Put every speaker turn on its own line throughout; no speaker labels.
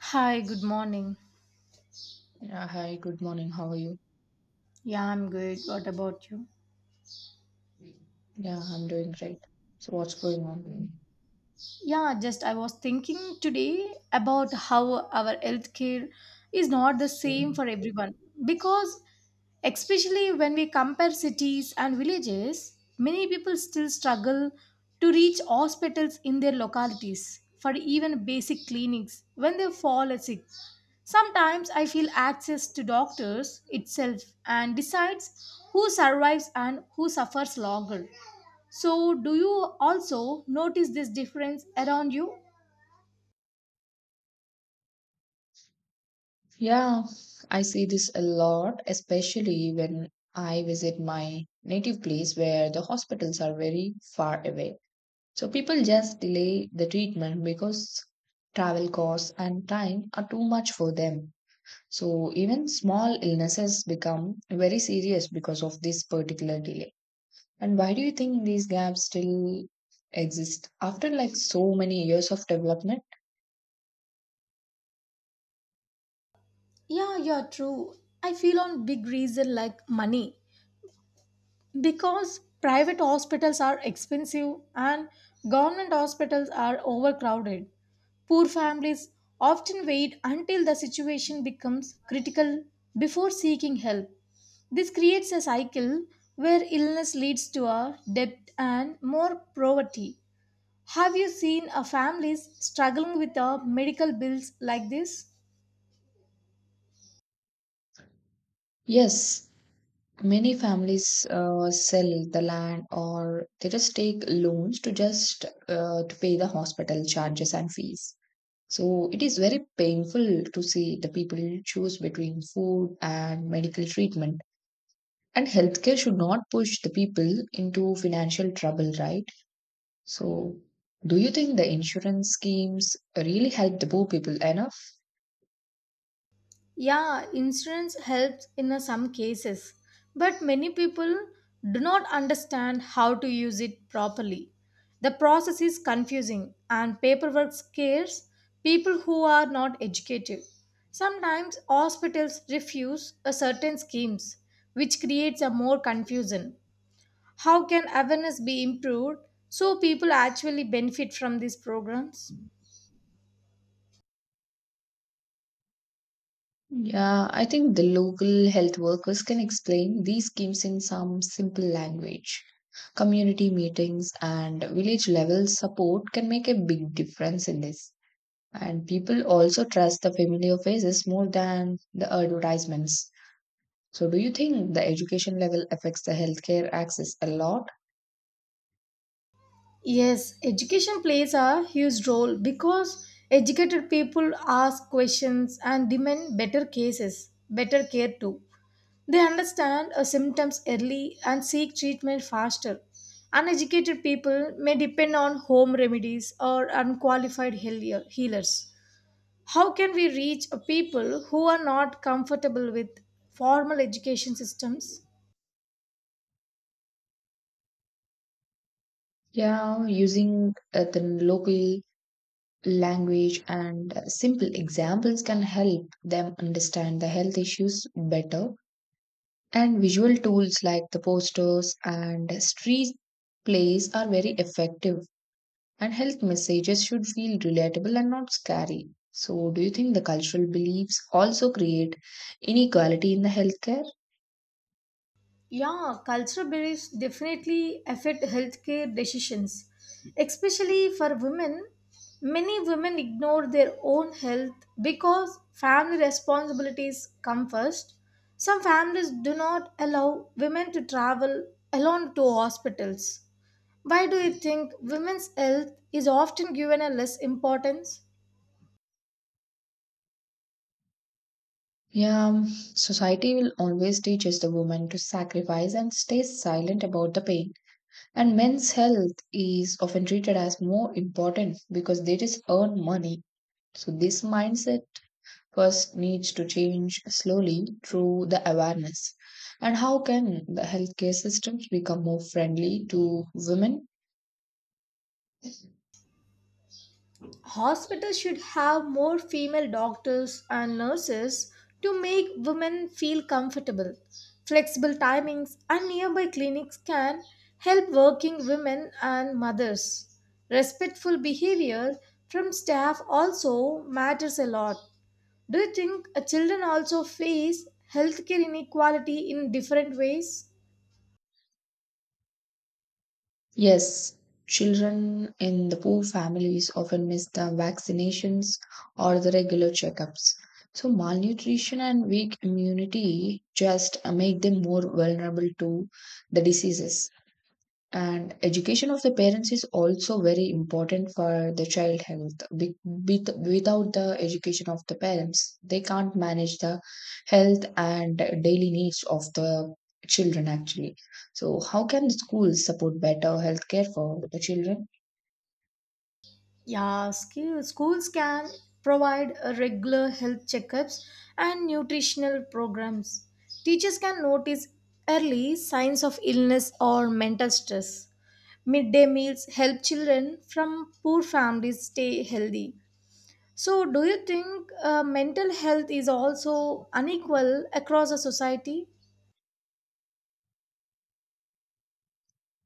Hi, good morning.
Yeah, hi, good morning. How are you?
Yeah, I'm good. What about you?
Yeah, I'm doing great. So, what's going on?
Yeah, just I was thinking today about how our healthcare is not the same for everyone because especially when we compare cities and villages, many people still struggle to reach hospitals in their localities for even basic clinics when they fall sick. Sometimes I feel access to doctors itself and decides who survives and who suffers longer. So, do you also notice this difference around you?
Yeah, I see this a lot, especially when I visit my native place where the hospitals are very far away. So, people just delay the treatment because travel costs and time are too much for them. So, even small illnesses become very serious because of this particular delay. And why do you think these gaps still exist after like so many years of development?
Yeah, you're true. I feel on big reason like money because private hospitals are expensive and government hospitals are overcrowded. Poor families often wait until the situation becomes critical before seeking help. This creates a cycle where illness leads to a debt and more poverty. Have you seen a families struggling with the medical bills like this?
Yes, many families sell the land, or they just take loans to just to pay the hospital charges and fees. So it is very painful to see the people choose between food and medical treatment. And healthcare should not push the people into financial trouble, right? So, do you think the insurance schemes really help the poor people enough?
Yeah, insurance helps in some cases, but many people do not understand how to use it properly. The process is confusing and paperwork scares people who are not educated. Sometimes hospitals refuse a certain schemes, which creates a more confusion. How can awareness be improved so people actually benefit from these programs?
Yeah, I think the local health workers can explain these schemes in some simple language. Community meetings and village level support can make a big difference in this. And people also trust the familiar faces more than the advertisements. So, do you think the education level affects the healthcare access a lot?
Yes, education plays a huge role because educated people ask questions and demand better cases, better care too. They understand symptoms early and seek treatment faster. Uneducated people may depend on home remedies or unqualified healers. How can we reach people who are not comfortable with formal education systems?
Yeah, using the local language and simple examples can help them understand the health issues better. And visual tools like the posters and street plays are very effective. And health messages should feel relatable and not scary. So, do you think the cultural beliefs also create inequality in the healthcare?
Yeah, cultural beliefs definitely affect healthcare decisions, especially for women. Many women ignore their own health because family responsibilities come first. Some families do not allow women to travel alone to hospitals. Why do you think women's health is often given a less importance?
Yeah, society will always teach us the woman to sacrifice and stay silent about the pain. And men's health is often treated as more important because they just earn money. So, this mindset first needs to change slowly through the awareness? And how can the healthcare systems become more friendly to women?
Hospitals should have more female doctors and nurses to make women feel comfortable. Flexible timings and nearby clinics can help working women and mothers. Respectful behavior from staff also matters a lot. Do you think children also face healthcare inequality in different ways?
Yes, children in the poor families often miss the vaccinations or the regular checkups. So, malnutrition and weak immunity just make them more vulnerable to the diseases. And education of the parents is also very important for the child health. Be- Without the education of the parents, they can't manage the health and daily needs of the children, actually. So how can the schools support better healthcare for the children?
Yeah, schools can provide regular health checkups and nutritional programs. Teachers can notice early signs of illness or mental stress. Midday meals help children from poor families stay healthy. So, do you think mental health is also unequal across a society?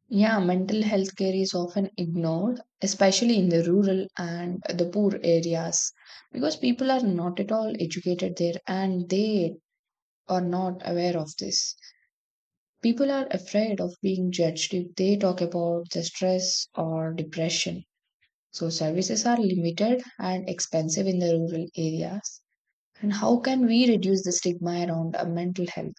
Yeah, mental health care is often ignored, especially in the rural and the poor areas, because people are not at all educated there and they are not aware of this. People are afraid of being judged if they talk about the stress or depression. So services are limited and expensive in the rural areas. And how can we reduce the stigma around mental health?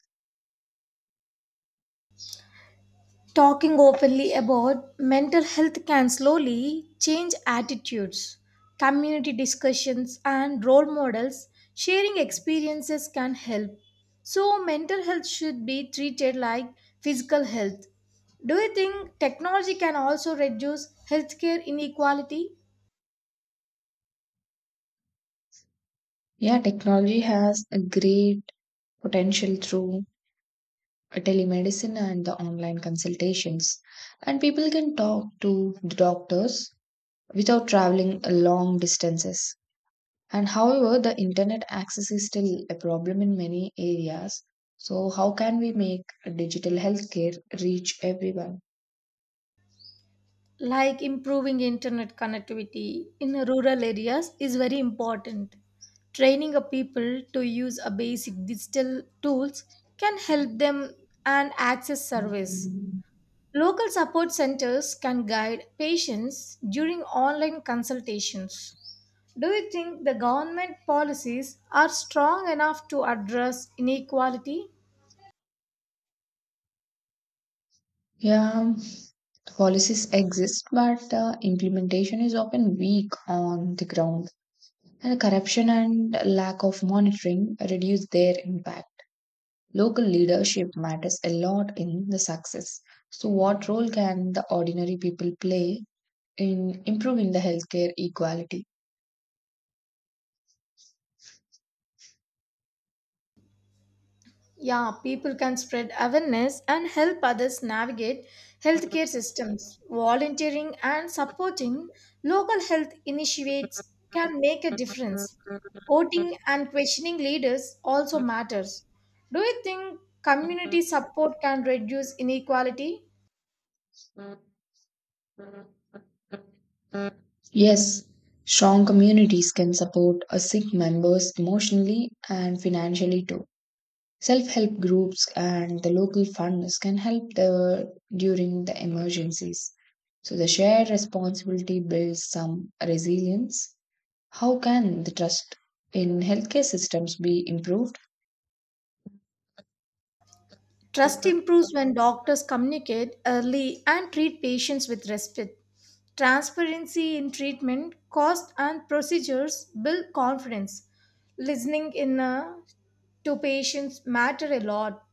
Talking openly about mental health can slowly change attitudes. Community discussions and role models sharing experiences can help. So, mental health should be treated like physical health. Do you think technology can also reduce healthcare inequality?
Yeah, technology has a great potential through telemedicine and the online consultations. And people can talk to the doctors without traveling long distances. And however, the internet access is still a problem in many areas. So, how can we make digital healthcare reach everyone?
Like improving internet connectivity in rural areas is very important. Training a people to use a basic digital tools can help them and access service. Local support centers can guide patients during online consultations. Do you think the government policies are strong enough to address inequality?
Yeah, policies exist, but implementation is often weak on the ground, and corruption and lack of monitoring reduce their impact. Local leadership matters a lot in the success. So, what role can the ordinary people play in improving the healthcare equality?
Yeah, people can spread awareness and help others navigate healthcare systems. Volunteering and supporting local health initiatives can make a difference. Voting and questioning leaders also matters. Do you think community support can reduce inequality?
Yes, strong communities can support a sick members emotionally and financially too. Self-help groups and the local funders can help the during the emergencies. So the shared responsibility builds some resilience. How can the trust in healthcare systems be improved?
Trust improves when doctors communicate early and treat patients with respect. Transparency in treatment, cost, and procedures build confidence. Listening in to patients matter a lot.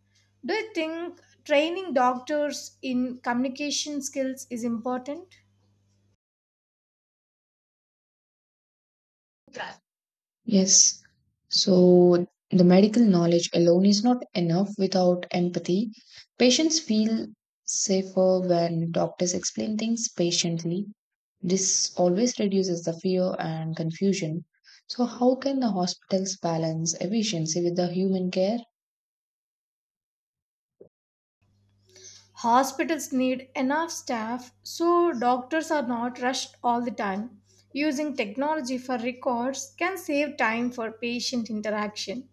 Do you think training doctors in communication skills is important?
Yes. So the medical knowledge alone is not enough without empathy. Patients feel safer when doctors explain things patiently. This always reduces the fear and confusion. So, how can the hospitals balance efficiency with the human care?
Hospitals need enough staff so doctors are not rushed all the time. Using technology for records can save time for patient interaction.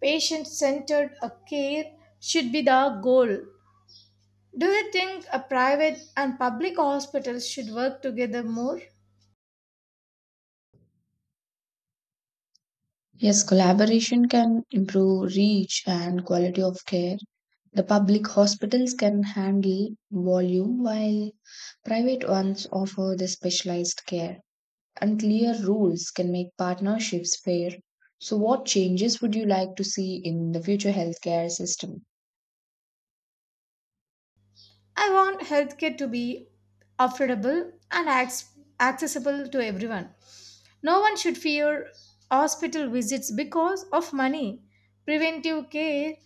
Patient centered care should be the goal. Do you think a private and public hospitals should work together more?
Yes, collaboration can improve reach and quality of care. The public hospitals can handle volume while private ones offer the specialized care. And clear rules can make partnerships fair. So, what changes would you like to see in the future healthcare system?
I want healthcare to be affordable and accessible to everyone. No one should fear hospital visits because of money. Preventive care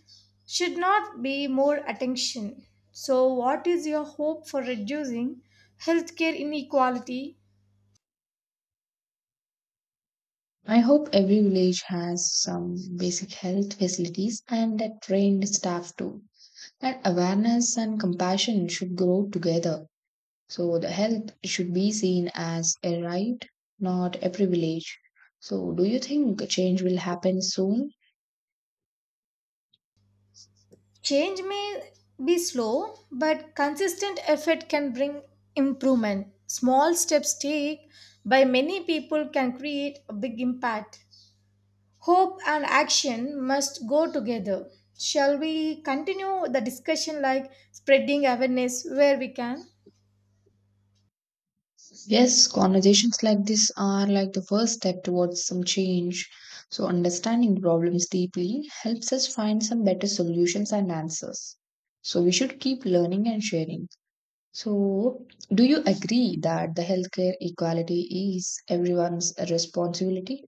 should not be more attention. So, what is your hope for reducing healthcare inequality?
I hope every village has some basic health facilities and a trained staff too. And awareness and compassion should grow together. So the health should be seen as a right, not a privilege. So, do you think a change will happen soon?
Change may be slow, but consistent effort can bring improvement. Small steps taken by many people can create a big impact. Hope and action must go together. Shall we continue the discussion like spreading awareness where we can?
Yes, conversations like this are like the first step towards some change. So understanding the problems deeply helps us find some better solutions and answers. So we should keep learning and sharing. So, do you agree that the healthcare equality is everyone's responsibility?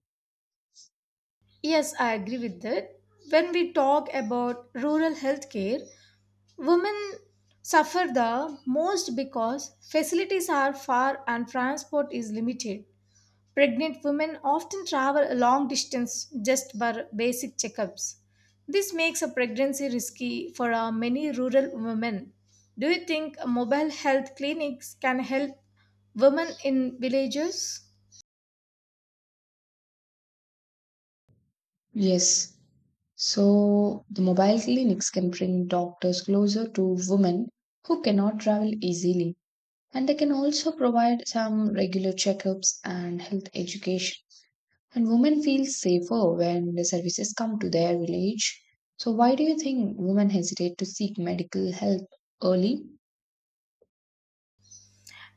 Yes, I agree with that. When we talk about rural healthcare, women suffer the most because facilities are far and transport is limited. Pregnant women often travel a long distance just for basic checkups. This makes a pregnancy risky for many rural women. Do you think mobile health clinics can help women in villages?
Yes. So the mobile clinics can bring doctors closer to women who cannot travel easily, and they can also provide some regular checkups and health education. And women feel safer when the services come to their village. So why do you think women hesitate to seek medical help early?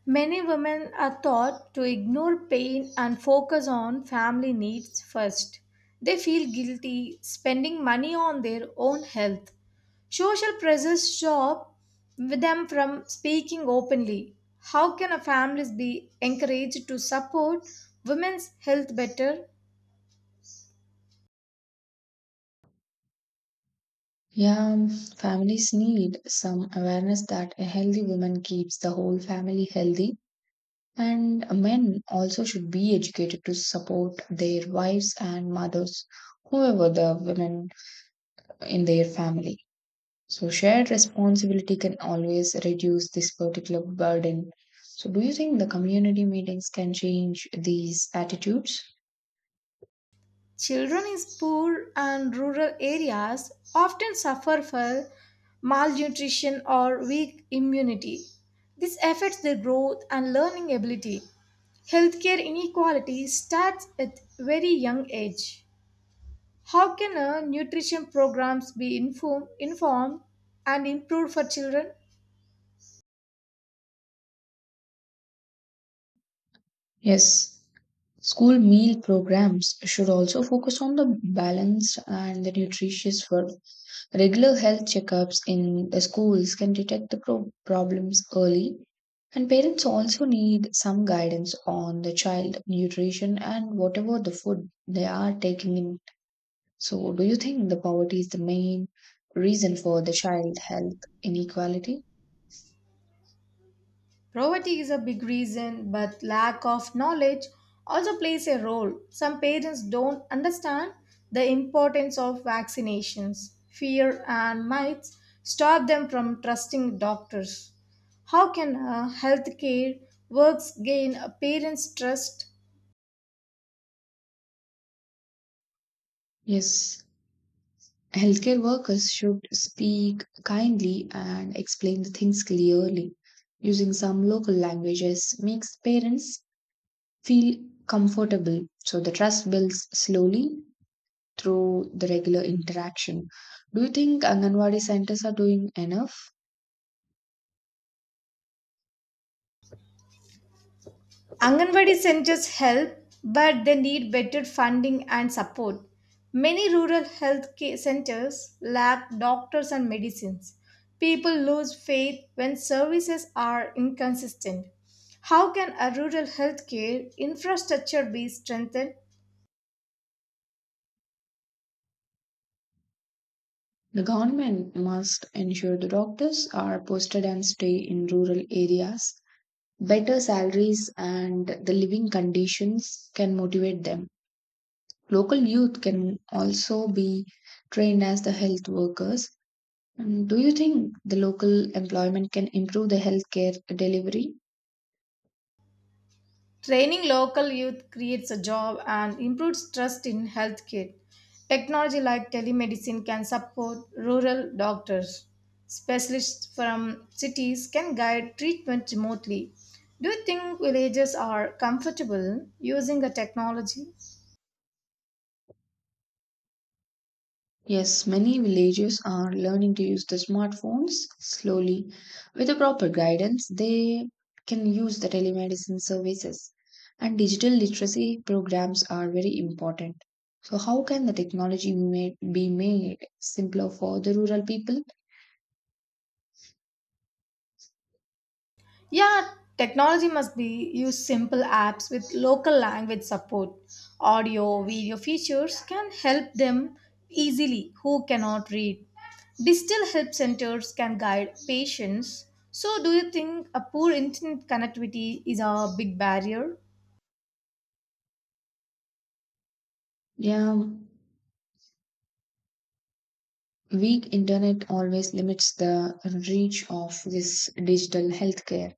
Many women are taught to ignore pain and focus on family needs first. They feel guilty spending money on their own health. Social pressures stop them from speaking openly. How can a families be encouraged to support women's health better?
Yeah, families need some awareness that a healthy woman keeps the whole family healthy, and men also should be educated to support their wives and mothers, whoever the women in their family. So, shared responsibility can always reduce this particular burden. So, do you think the community meetings can change these attitudes?
Children in poor and rural areas often suffer from malnutrition or weak immunity. This affects their growth and learning ability. Healthcare inequality starts at very young age. How can nutrition programs be informed and improved for children?
Yes, school meal programs should also focus on the balanced and the nutritious food. Regular health checkups in the schools can detect the problems early, and parents also need some guidance on the child nutrition and whatever the food they are taking in. So, do you think the poverty is the main reason for the child health inequality?
Poverty is a big reason, but lack of knowledge also plays a role. Some parents don't understand the importance of vaccinations. Fear and myths stop them from trusting doctors. How can healthcare works gain a parent's trust?
Yes. Healthcare workers should speak kindly and explain the things clearly. Using some local languages makes parents feel comfortable, so the trust builds slowly through the regular interaction. Do you think Anganwadi centers are doing enough?
Anganwadi centers help, but they need better funding and support. Many rural health centers lack doctors and medicines. People lose faith when services are inconsistent. How can a rural healthcare infrastructure be strengthened?
The government must ensure the doctors are posted and stay in rural areas. Better salaries and the living conditions can motivate them. Local youth can also be trained as the health workers. And do you think the local employment can improve the healthcare delivery?
Training local youth creates a job and improves trust in healthcare. Technology like telemedicine can support rural doctors. Specialists from cities can guide treatment remotely. Do you think villages are comfortable using the technology?
Yes, many villages are learning to use the smartphones slowly. With the proper guidance, they can use the telemedicine services. And digital literacy programs are very important. So, how can the technology be made simpler for the rural people?
Yeah, technology must be used. Simple apps with local language support. Audio, video features can help them easily who cannot read. Digital help centers can guide patients. So, do you think a poor internet connectivity is a big barrier?
Yeah, weak internet always limits the reach of this digital healthcare.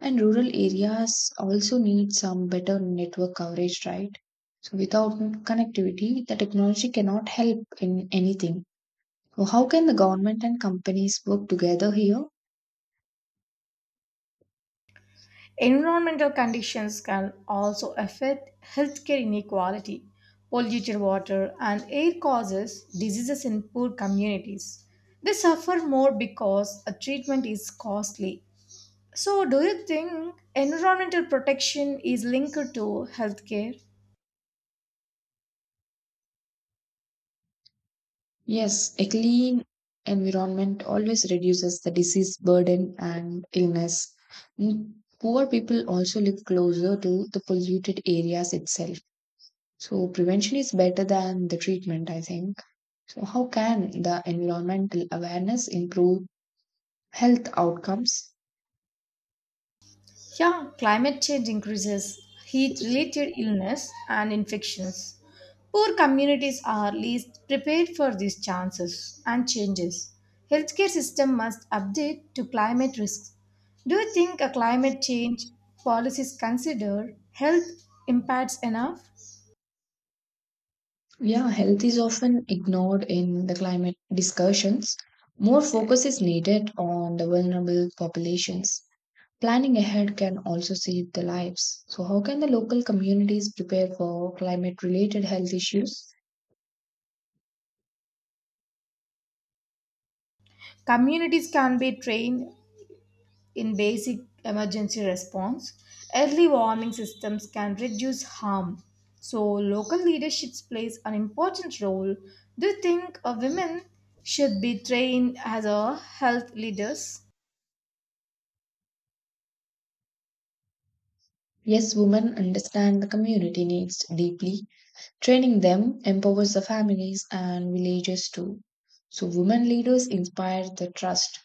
And rural areas also need some better network coverage, right? So without connectivity, the technology cannot help in anything. So how can the government and companies work together here?
Environmental conditions can also affect healthcare inequality. Polluted water and air causes diseases in poor communities. They suffer more because a treatment is costly. So, do you think environmental protection is linked to healthcare?
Yes, a clean environment always reduces the disease burden and illness. Mm, poor people also live closer to the polluted areas itself. So prevention is better than the treatment, I think. So how can the environmental awareness improve health outcomes?
Yeah, climate change increases heat related illness and infections. Poor communities are least prepared for these chances and changes. Healthcare system must update to climate risks. Do you think a climate change policies consider health impacts enough?
Yeah, health is often ignored in the climate discussions. More focus is needed on the vulnerable populations. Planning ahead can also save the lives. So how can the local communities prepare for climate related health issues?
Communities can be trained in basic emergency response, early warning systems can reduce harm. So, local leadership plays an important role. Do you think women should be trained as a health leaders?
Yes, women understand the community needs deeply. Training them empowers the families and villages too. So, women leaders inspire the trust.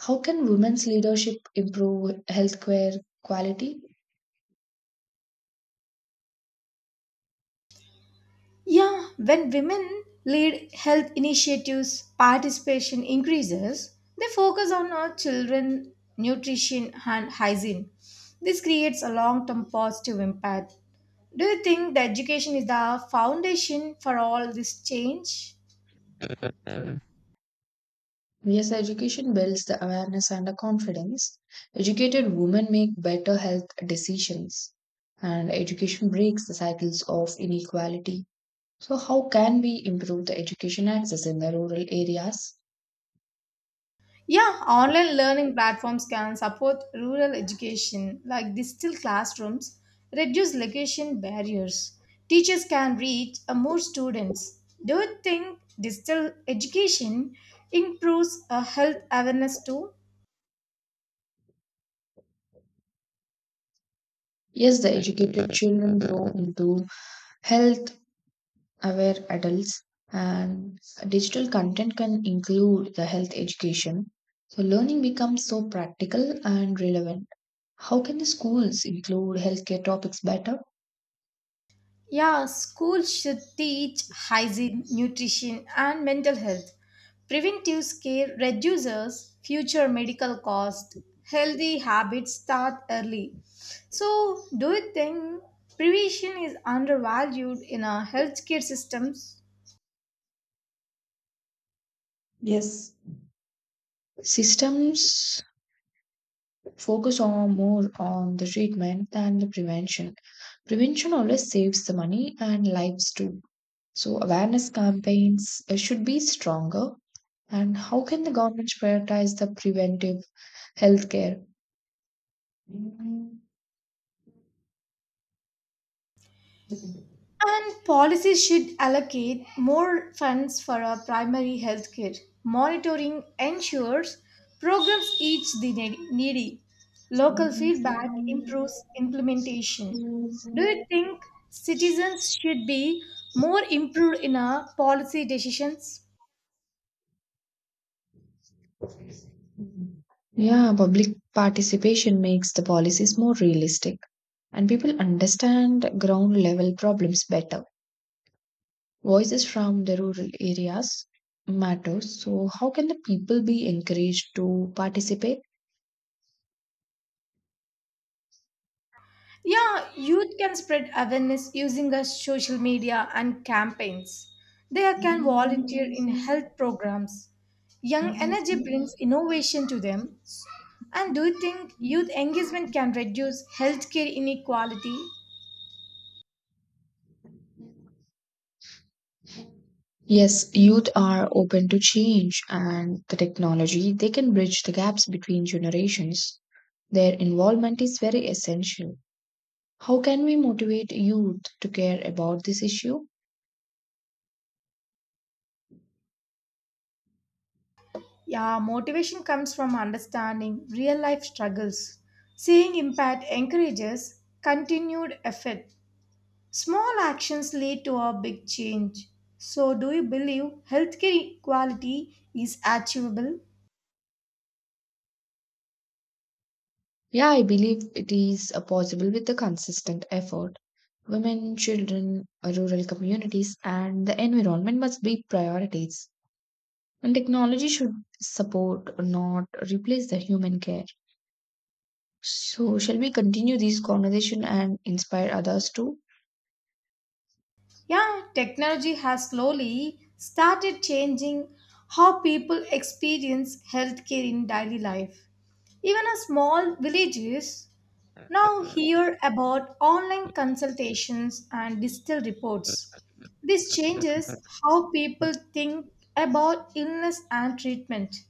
How can women's leadership improve healthcare quality?
Yeah, when women lead health initiatives, participation increases. They focus on our children, nutrition, and hygiene. This creates a long term positive impact. Do you think that education is the foundation for all this change?
Yes, education builds the awareness and the confidence. Educated women make better health decisions, and education breaks the cycles of inequality. So, how can we improve the education access in the rural areas?
Yeah, online learning platforms can support rural education like digital classrooms, reduce location barriers. Teachers can reach more students. Do you think digital education improves health awareness too?
Yes, the educated children grow into health aware adults, and digital content can include the health education. So learning becomes so practical and relevant. How can the schools include healthcare topics better?
Yeah, schools should teach hygiene, nutrition, and mental health. Preventive care reduces future medical costs. Healthy habits start early. So, do you think prevention is undervalued in our healthcare systems?
Yes, systems focus on more on the treatment than the prevention. Prevention always saves the money and lives too. So awareness campaigns should be stronger. And how can the government prioritize the preventive healthcare?
And policies should allocate more funds for our primary health care. Monitoring ensures programs reach the needy. Local
Yeah,
feedback improves implementation. Do you think citizens should be more improved in our policy decisions?
public participation makes the policies more realistic, and people understand ground level problems better. Voices from the rural areas matter. So, how can the people be encouraged to participate?
Yeah, youth can spread awareness using social media and campaigns. They can volunteer in health programs. Young energy brings innovation to them. And do you think youth engagement can reduce healthcare inequality?
Yes, youth are open to change and the technology, they can bridge the gaps between generations. Their involvement is very essential. How can we motivate youth to care about this issue?
Yeah, motivation comes from understanding real life struggles. Seeing impact encourages continued effort. Small actions lead to a big change. So, do you believe healthcare equality is achievable?
Yeah, I believe it is possible with the consistent effort. Women, children, rural communities, and the environment must be priorities. And technology should support, not replace the human care. So, shall we continue this conversation and inspire others too?
Yeah, technology has slowly started changing how people experience healthcare in daily life. Even a small villages now hear about online consultations and digital reports. This changes how people think about illness and treatment.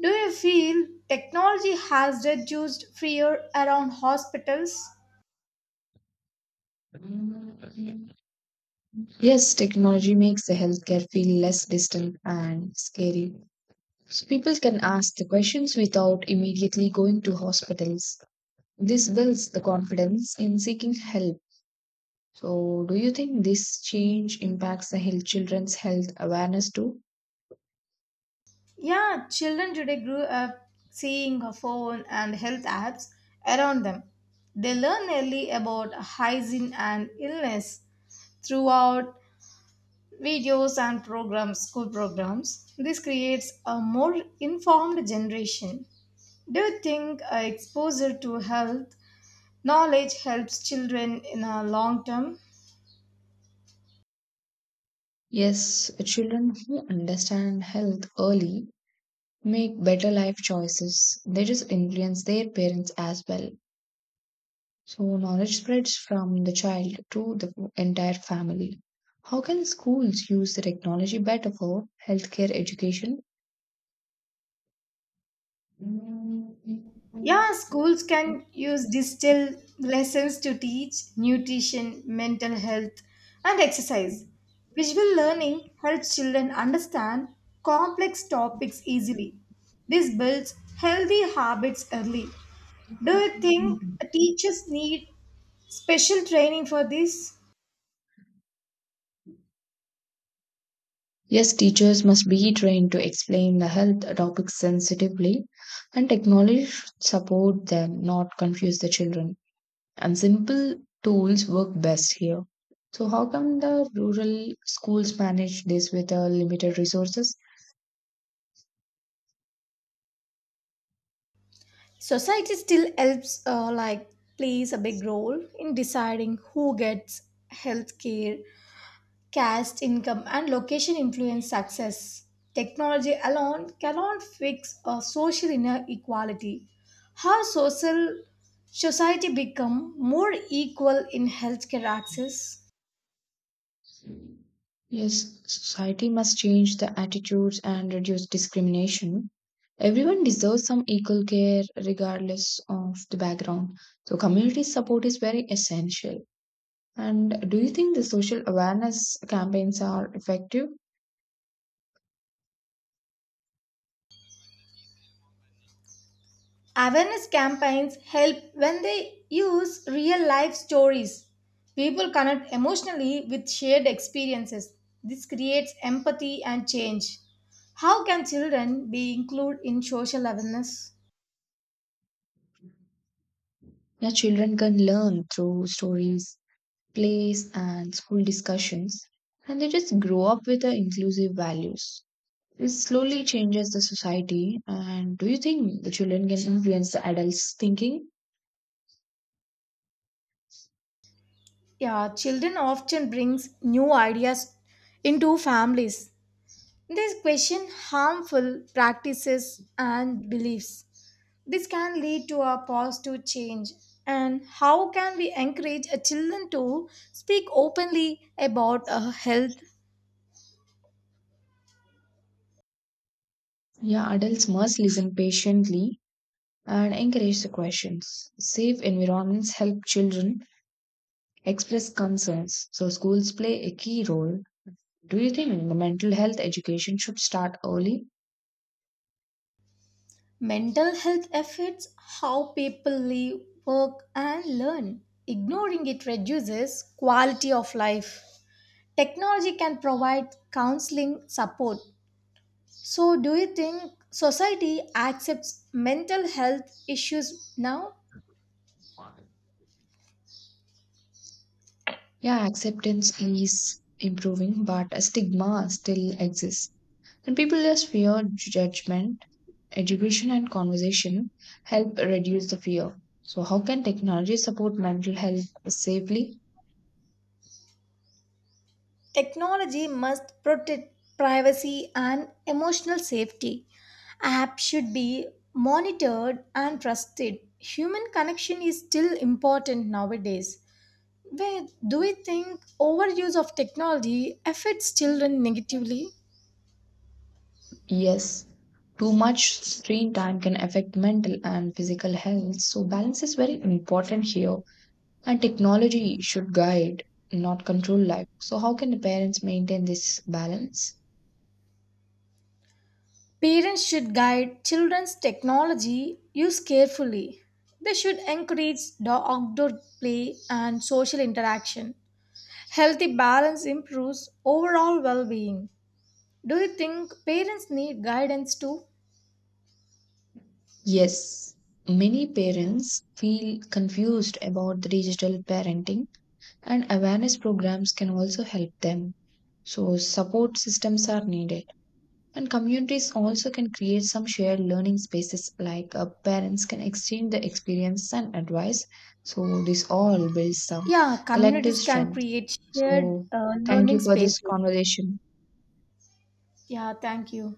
Do you feel technology has reduced fear around hospitals?
Yes, technology makes the healthcare feel less distant and scary. So people can ask the questions without immediately going to hospitals. This builds the confidence in seeking help. So, do you think this change impacts the health, children's health awareness too?
Yeah, children today grew up seeing a phone and health apps around them. They learn early about hygiene and illness throughout videos and programs, school programs. This creates a more informed generation. Do you think exposure to health knowledge helps children in a long term?
Yes, children who understand health early make better life choices. They just influence their parents as well. So, knowledge spreads from the child to the entire family. How can schools use the technology better for healthcare education?
Yeah, schools can use digital lessons to teach nutrition, mental health, and exercise. Visual learning helps children understand complex topics easily. This builds healthy habits early. Do you think teachers need special training for this?
Yes, teachers must be trained to explain the health topics sensitively, and technology should support them, not confuse the children. And simple tools work best here. So, how come the rural schools manage this with limited resources?
Society still helps, plays a big role in deciding who gets health care. Caste, income, and location influence success. Technology alone cannot fix a social inequality. How social society become more equal in healthcare access?
Yes, society must change the attitudes and reduce discrimination. Everyone deserves some equal care regardless of the background. So, community support is very essential. And do you think the social awareness campaigns are effective?
Awareness campaigns help when they use real life stories. People connect emotionally with shared experiences. This creates empathy and change. How can children be included in social awareness?
Yeah, children can learn through stories, plays, and school discussions, and they just grow up with the inclusive values. It slowly changes the society. And do you think the children can influence the adults' thinking?
Yeah, children often brings new ideas into families. They question harmful practices and beliefs. This can lead to a positive change. And how can we encourage a children to speak openly about a health,
Yeah, adults must listen patiently and encourage the questions. Safe environments help children express concerns, so schools play a key role. Do you think the mental health education should start early?
mental health affects how people live, work, and learn. Ignoring it reduces quality of life. Technology can provide counseling support. So, do you think society accepts mental health issues now?
Yeah, acceptance is improving, but a stigma still exists. And people just fear judgment. Education and conversation help reduce the fear. So, how can technology support mental health safely?
Technology must protect privacy and emotional safety. Apps should be monitored and trusted. Human connection is still important nowadays. Where do we think overuse of technology affects children negatively?
Yes, too much screen time can affect mental and physical health, so balance is very important here. And technology should guide, not control life. So, how can the parents maintain this balance?
Parents should guide children's technology use carefully. They should encourage the outdoor play and social interaction. Healthy balance improves overall well being. Do you think parents need guidance too?
Yes, many parents feel confused about the digital parenting, and awareness programs can also help them. So support systems are needed. And communities also can create some shared learning spaces, like parents can exchange the experience and advice. So this all builds some
Yeah,
collective
communities can
strength.
create shared
So, thank
learning
you for this
spaces.
conversation.
Yeah, thank you.